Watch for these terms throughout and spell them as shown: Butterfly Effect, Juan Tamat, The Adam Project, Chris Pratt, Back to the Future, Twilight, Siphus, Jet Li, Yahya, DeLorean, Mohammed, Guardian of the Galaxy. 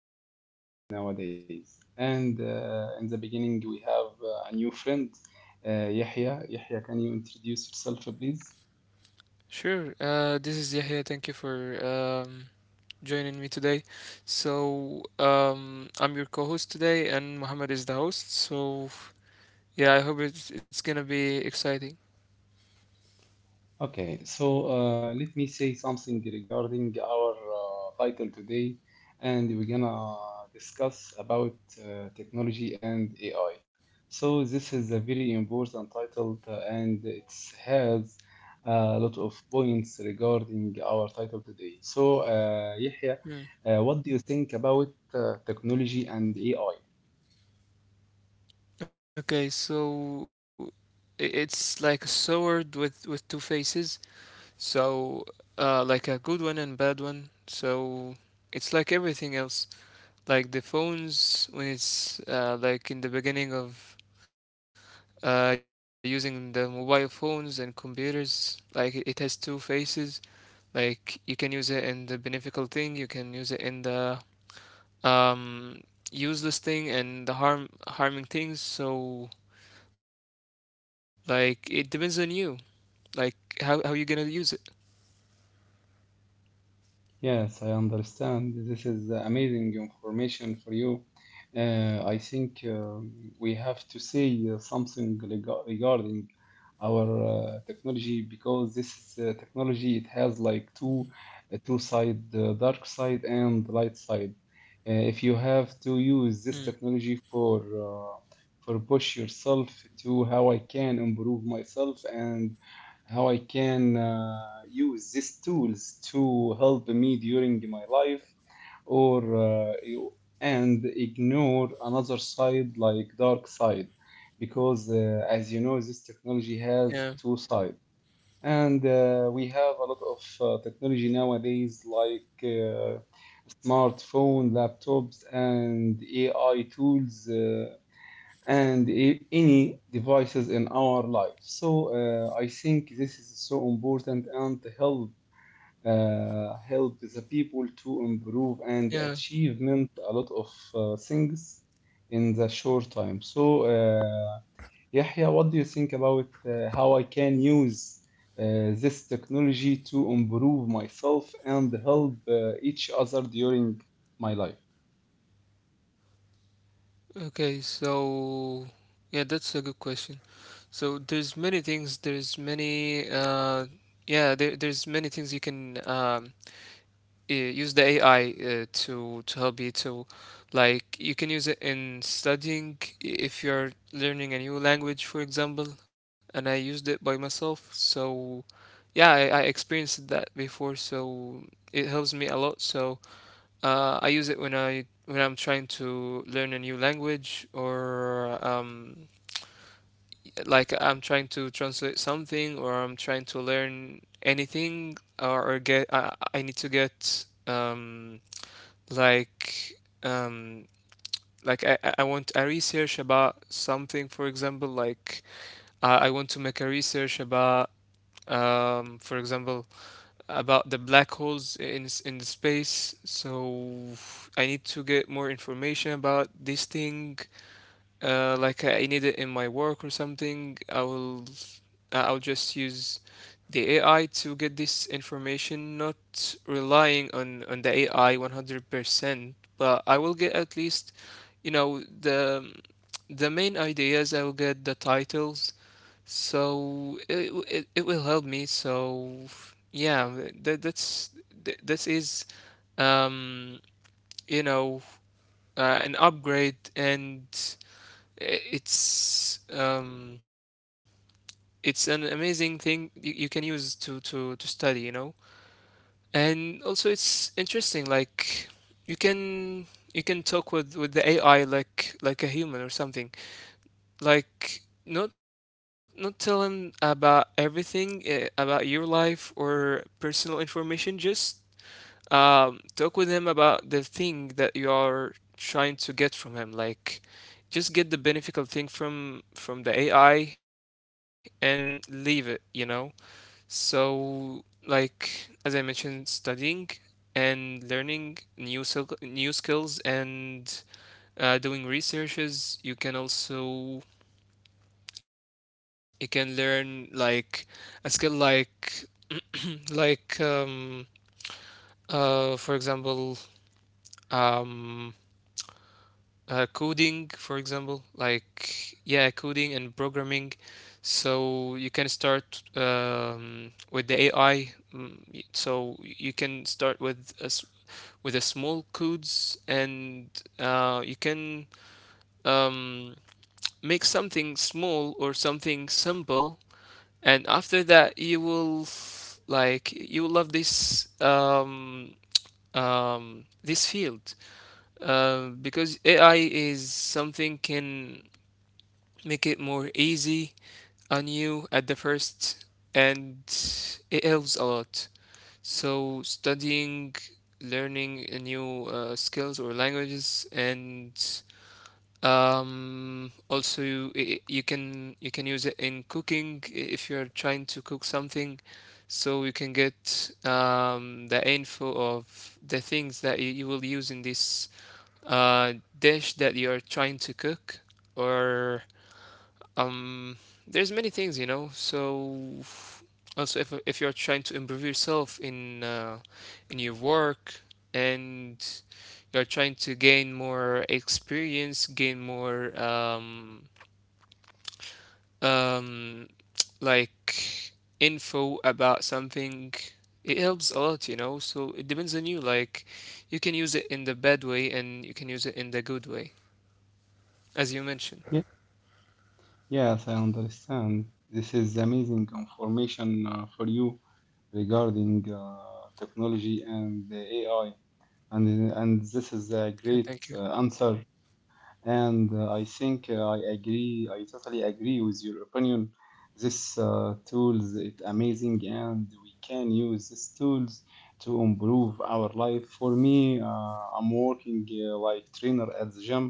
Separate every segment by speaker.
Speaker 1: in our society nowadays. And in the beginning, we have a new friend, Yahya. Yahya, can you introduce yourself, please?
Speaker 2: Sure. This is Yahya. Thank you for joining me today. So, I'm your co-host today, and Mohammed is the host. So, yeah, I hope it's gonna be exciting.
Speaker 1: Okay, so let me say something regarding our title today, and we're gonna discuss about technology and AI. So this is a very important title, and it has a lot of points regarding our title today. So, Yahya,
Speaker 2: Hmm.
Speaker 1: what do you think about technology and AI?
Speaker 2: Okay, so it's like a sword with two faces. So, like a good one and bad one. So it's like everything else. Like the phones when it's like in the beginning of using the mobile phones and computers. Like it has two faces. Like you can use it in the beneficial thing, you can use it in the um, useless thing and the harming things. So like it depends on you. Like how you gonna use it.
Speaker 1: Yes, I understand. This is amazing information for you. I think we have to say something regarding our technology because this is technology. It has like two two side, dark side and light side. If you have to use
Speaker 2: Mm,
Speaker 1: this technology uh, for push yourself to how I can improve myself and how I can use these tools to help me during my life, or uh, you- and ignore another side like dark side, because as you know, this
Speaker 2: yeah.
Speaker 1: technology has two sides, and we have a lot of technology nowadays like smartphone, laptops, and AI tools. Any devices in our life. So I think this is so important and help help the people to improve and
Speaker 2: Yeah.
Speaker 1: achievement a lot of things in the short time. So Yahya, what do you think about how I can use uh, this technology to improve myself and help each other during my life?
Speaker 2: Okay. So yeah, that's a good question. So there's many things. There's many. Yeah. There's many things you can. Use the AI to help you to like you can use it in studying if you're learning a new language, for example, and I used it by myself. So yeah, I experienced that before, so it helps me a lot. So I use it when I'm trying to learn a new language or like I'm trying to translate something or I'm trying to learn anything or get I need to get like um like I want a research about something, for example, like I want to make a research about for example about the black holes in in the space. So I need to get more information about this thing, like I need it in my work or something, I'll just use the AI to get this information, not relying on the AI 100%, but I will get at least, the main ideas. I will get the titles, so it will help me. So yeah, this is um you know an upgrade, and i- it's um it's an amazing thing you can use to to study. And also it's interesting. Like you can you can talk with the AI like a human or something. Like not tell him about everything, about your life or personal information. Just talk with him about the thing that you're trying to get from him. Like just get the beneficial thing from the AI and leave it, so like as I mentioned, studying and learning new new skills, and doing researches. You can also you can learn like a skill like like for example um coding, for example, like yeah, coding and programming. So you can start with the AI. So you can start with a small codes, and you can um, make something small or something simple, and after that you will like you will love this this field, because AI is something can make it more easy on you at the first, and it helps a lot. So studying, learning a new skills or languages, and also you can use it in cooking if you're trying to cook something. So you can get the info of the things that you will use in this dish that you are trying to cook, or um, there's many things, you know. So also, if you're trying to improve yourself in your work, and you're trying to gain more experience, gain more um like info about something, it helps a lot. So it depends on you. Like you can use it in the bad way and you can use it in the good way, as you mentioned.
Speaker 1: Yes, I understand. This is amazing information for you regarding technology and the AI, and this is a
Speaker 2: Yeah,
Speaker 1: great
Speaker 2: thank you.
Speaker 1: answer and I think I I totally agree with your opinion. This tools it amazing, and we can use these tools to improve our life. For me, I'm working like trainer at the gym,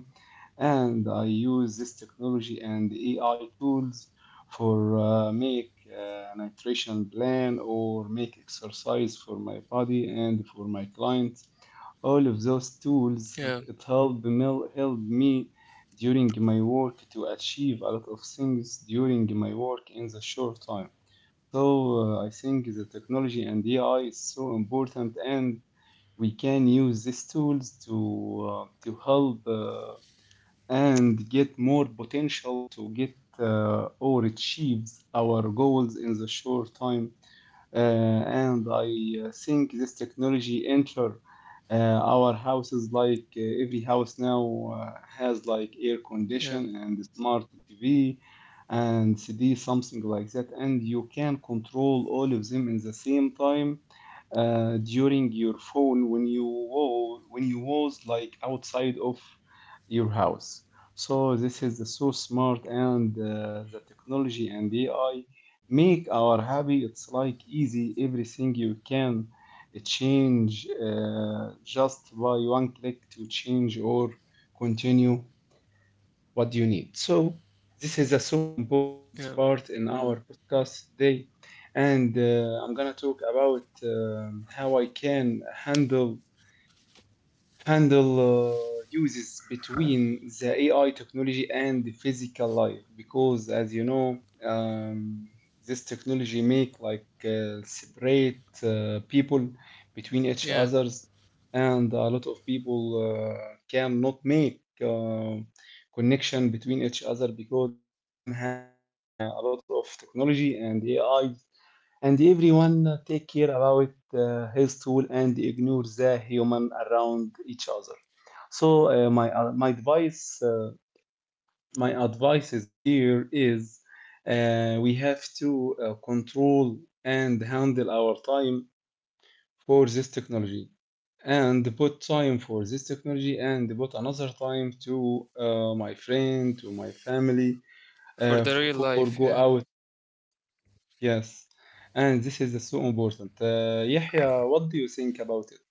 Speaker 1: and I use this technology and AI tools for make nutrition plan or make exercise for my body and for my client all of those tools
Speaker 2: Yeah,
Speaker 1: it helped me during my work to achieve a lot of things during my work in the short time. So I think the technology and AI is so important and we can use these tools to help and get more potential to get or achieve our goals in the short time. And I think this technology enter our houses like every house now has like air
Speaker 2: yeah,
Speaker 1: condition and smart TV and CD something like that, and you can control all of them in the same time during your phone when you wa- when you was like outside of your house. So this is the so smart, and the technology and AI make our hobby it's like easy. Everything you can change just by one click to change or continue what you need. So this is a so important
Speaker 2: yeah,
Speaker 1: part in our podcast today, and I'm gonna talk about how I can handle uses between the AI technology and the physical life because as you know, um, this technology make like separate people between each
Speaker 2: yeah.
Speaker 1: others, and a lot of people cannot make connection between each other because everyone has a lot of technology and AI, and everyone take care about his tool and ignore the human around each other. So uh, my uh, my advice uh, my advice is here is we have to control and handle our time for this technology, and put time for this technology and put another time to my friend, to my family,
Speaker 2: For the
Speaker 1: for
Speaker 2: real
Speaker 1: go
Speaker 2: life,
Speaker 1: out.
Speaker 2: yeah.
Speaker 1: Yes, and this is so important. Yahya, what do you think about it?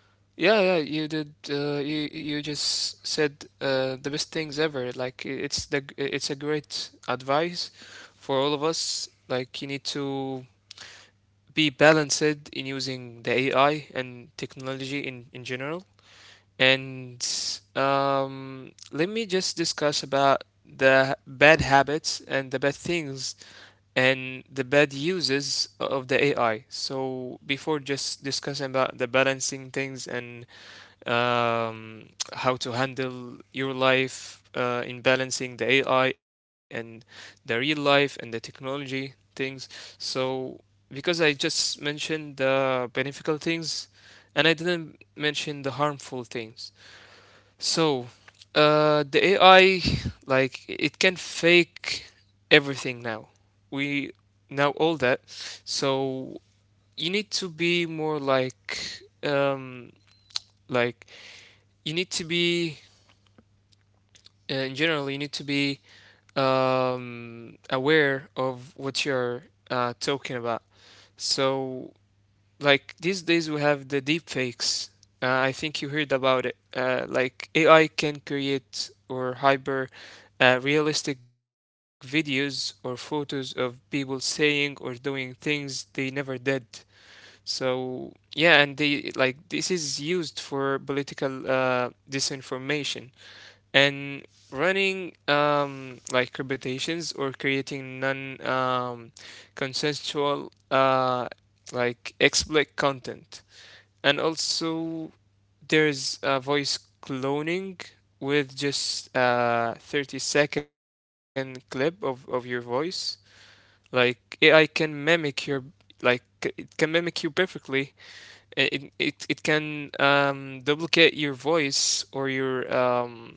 Speaker 2: Yeah, yeah, you did, you just said the best things ever. Like it's a great advice for all of us. Like you need to be balanced in using the AI and technology in general. And let me just discuss about the bad habits and the bad things and the bad uses of the AI. So before just discussing about the balancing things and um, how to handle your life, in balancing the AI and the real life and the technology things. So because I just mentioned the beneficial things, and I didn't mention the harmful things. So, the AI, like, it can fake everything now. We know all that. So, you need to be more like, you need to be, in general, you need to be aware of what you're talking about. So, like these days we have the deepfakes. I think you heard about it. Like AI can create or hyper realistic videos or photos of people saying or doing things they never did. So yeah, and they like this is used for political disinformation and running like reputations, or creating non consensual, like explicit content. And also there's voice cloning. With just a 30-second clip of your voice, like AI can mimic it can mimic you perfectly. It can duplicate your voice or your um,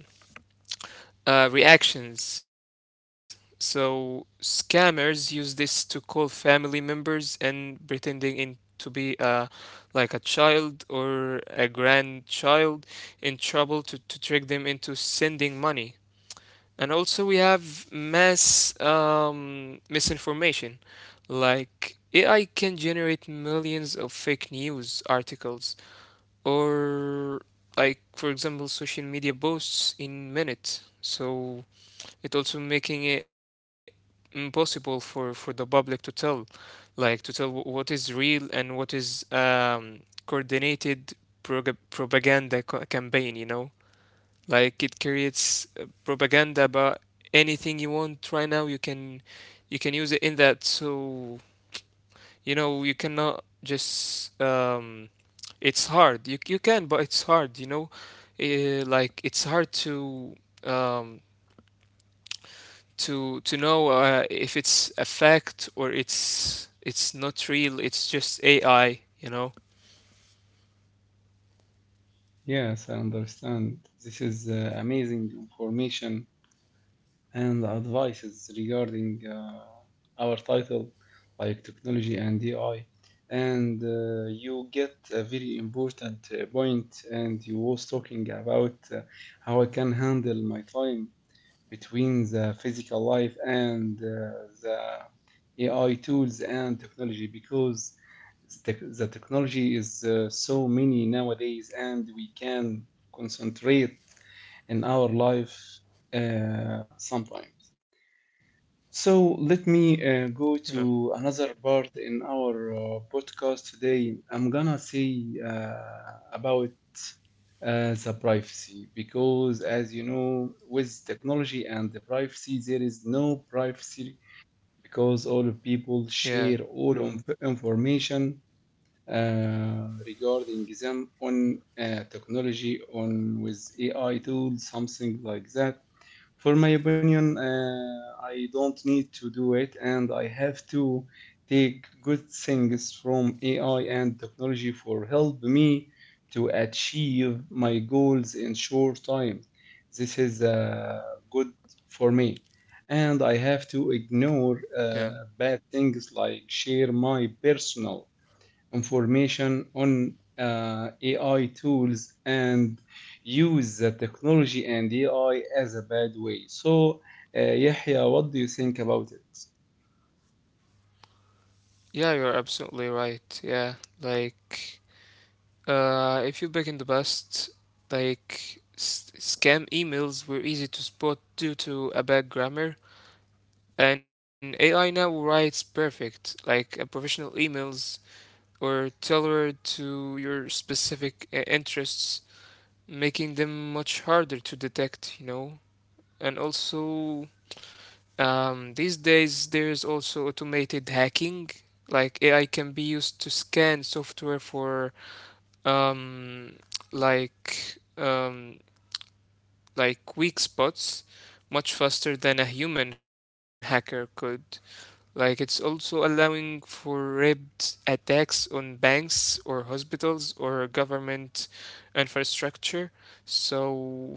Speaker 2: uh, reactions. So scammers use this to call family members and pretending in to be like a child or a grandchild in trouble to trick them into sending money. And also we have mass misinformation. Like AI can generate millions of fake news articles, or like for example social media posts in minutes. So it also making it impossible for the public to tell, like to tell what is real and what is coordinated propaganda campaign. Like it creates propaganda about anything you want. Right now you can use it in that. So, you cannot just it's hard, you can, but it's hard. Like it's hard um to know, if it's a fact or it's not real. It's just AI.
Speaker 1: Yes, I understand. This is amazing information and advices regarding our title, like technology and AI. And you get a very important point, and you was talking about how I can handle my time between the physical life and the AI tools and technology because the, the technology is so many nowadays and we can concentrate in our life sometimes. So let me
Speaker 2: Yeah,
Speaker 1: go to another part in our podcast today. I'm gonna say about the privacy, because as you know, with technology and the privacy, there is no privacy because all
Speaker 2: yeah,
Speaker 1: people share all of information regarding them on technology, on with AI tools, something like that. For my opinion, I don't need to do it, and I have to take good things from AI and technology for help me to achieve my goals in short time. This is good for me, and I have to
Speaker 2: yeah,
Speaker 1: ignore bad things like share my personal information on AI tools and use the technology and AI as a bad way. So, Yahya, what do you think about it?
Speaker 2: yeah. You're absolutely right. Yeah, like if you back in the past, like scam emails were easy to spot due to a bad grammar, and AI now writes perfect, like a professional emails, or tailored to your specific interests, making them much harder to detect. And also, these days there's also automated hacking. Like AI can be used to scan software for um, like um, like weak spots, much faster than a human hacker could. Like it's also allowing for rapid attacks on banks or hospitals or government infrastructure. So,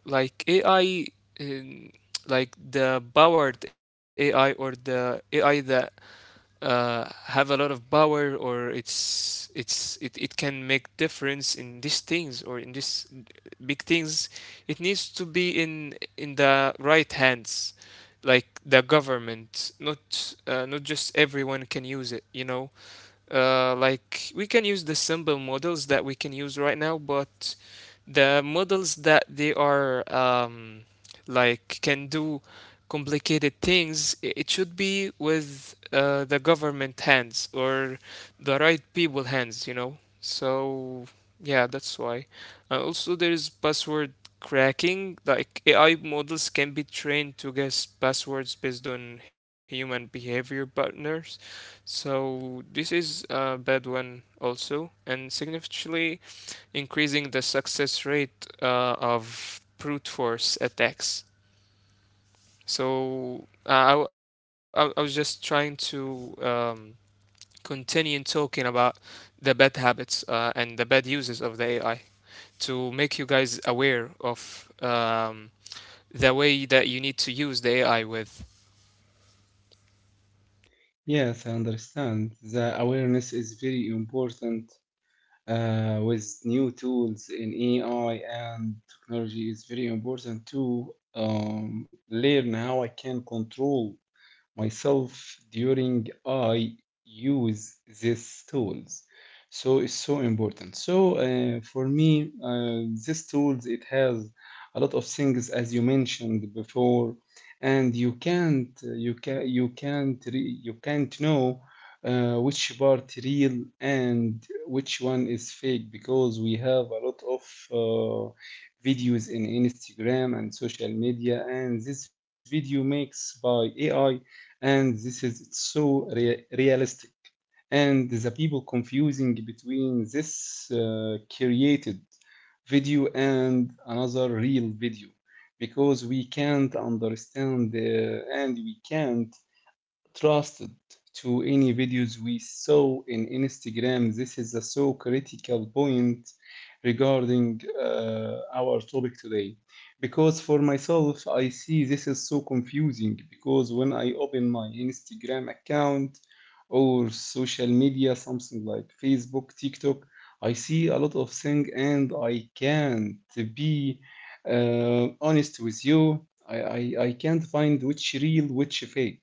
Speaker 2: like AI, in, like the powered AI or the AI that have a lot of power, or it can make difference in these things, or in these big things, it needs to be in the right hands. Like the government, not just everyone can use it. Like we can use the simple models that we can use right now, but the models that they are like can do complicated things, it should be with the government hands, or the right people hands. So yeah, that's why. And also there is password cracking, like AI models can be trained to guess passwords based on human behavior patterns. So this is a bad one also, and significantly increasing the success rate of brute force attacks. So I was just trying to continue talking about the bad habits and the bad uses of the AI, to make you guys aware of the way that you need to use the AI with.
Speaker 1: Yes, I understand. The awareness is very important with new tools in AI and technology is very important to learn how I can control myself during I use these tools. So it's so important. So for me, these tools it has a lot of things as you mentioned before, and you can't you can you can't re- you can't know which part real and which one is fake because we have a lot of uh, videos in Instagram and social media, and this video makes by AI, and this is so realistic, and the people confusing between this created video and another real video because we can't understand and we can't trusted to any videos we saw in Instagram. This is a so critical point regarding our topic today. Because for myself, I see this is so confusing because when I open my Instagram account or social media, something like Facebook, TikTok, I see a lot of things and I can't be honest with you. I can't find which real, which fake.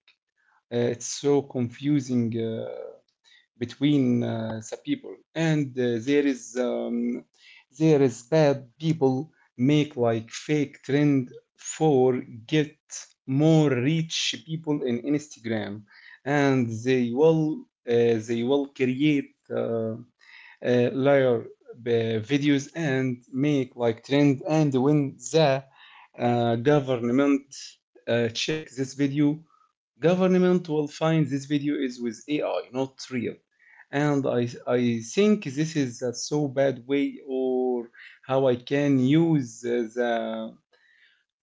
Speaker 1: It's so confusing between the people, and there is bad people make like fake trend for get more rich people in Instagram, and they will create layer videos and make like trend, and when the government check this video, government will find this video is with AI, not real. And I think this is a so bad way or how I can use the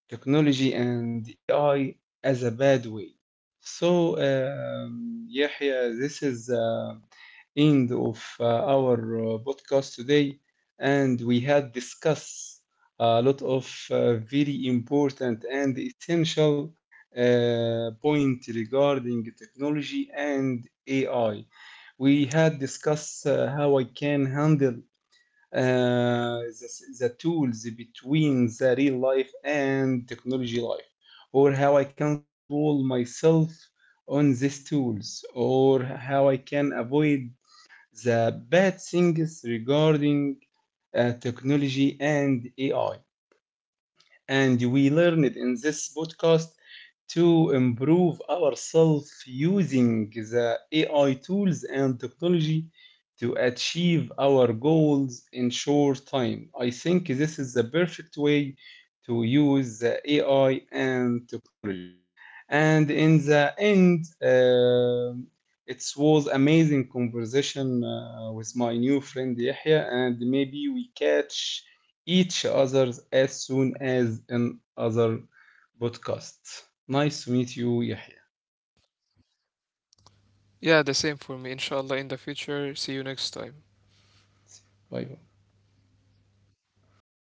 Speaker 1: technology and AI as a bad way. So, yeah, yeah, this is. End of our podcast today, and we had discussed a lot of very important and essential point regarding technology and AI. We had discussed how I can handle uh, the, the tools between the real life and technology life, or how I can control myself on these tools or how I can avoid the bad things regarding technology and AI, and we learned in this podcast to improve ourselves using the AI tools and technology to achieve our goals in short time. I think this is the perfect way to use the AI and technology. And in the end, it was amazing conversation with my new friend Yahya, and maybe we catch each other as soon as in other podcasts. Nice to meet you, Yahya.
Speaker 2: Yeah, the same for me. Inshallah, in the future. See you next time.
Speaker 1: Bye bye.
Speaker 2: Bye.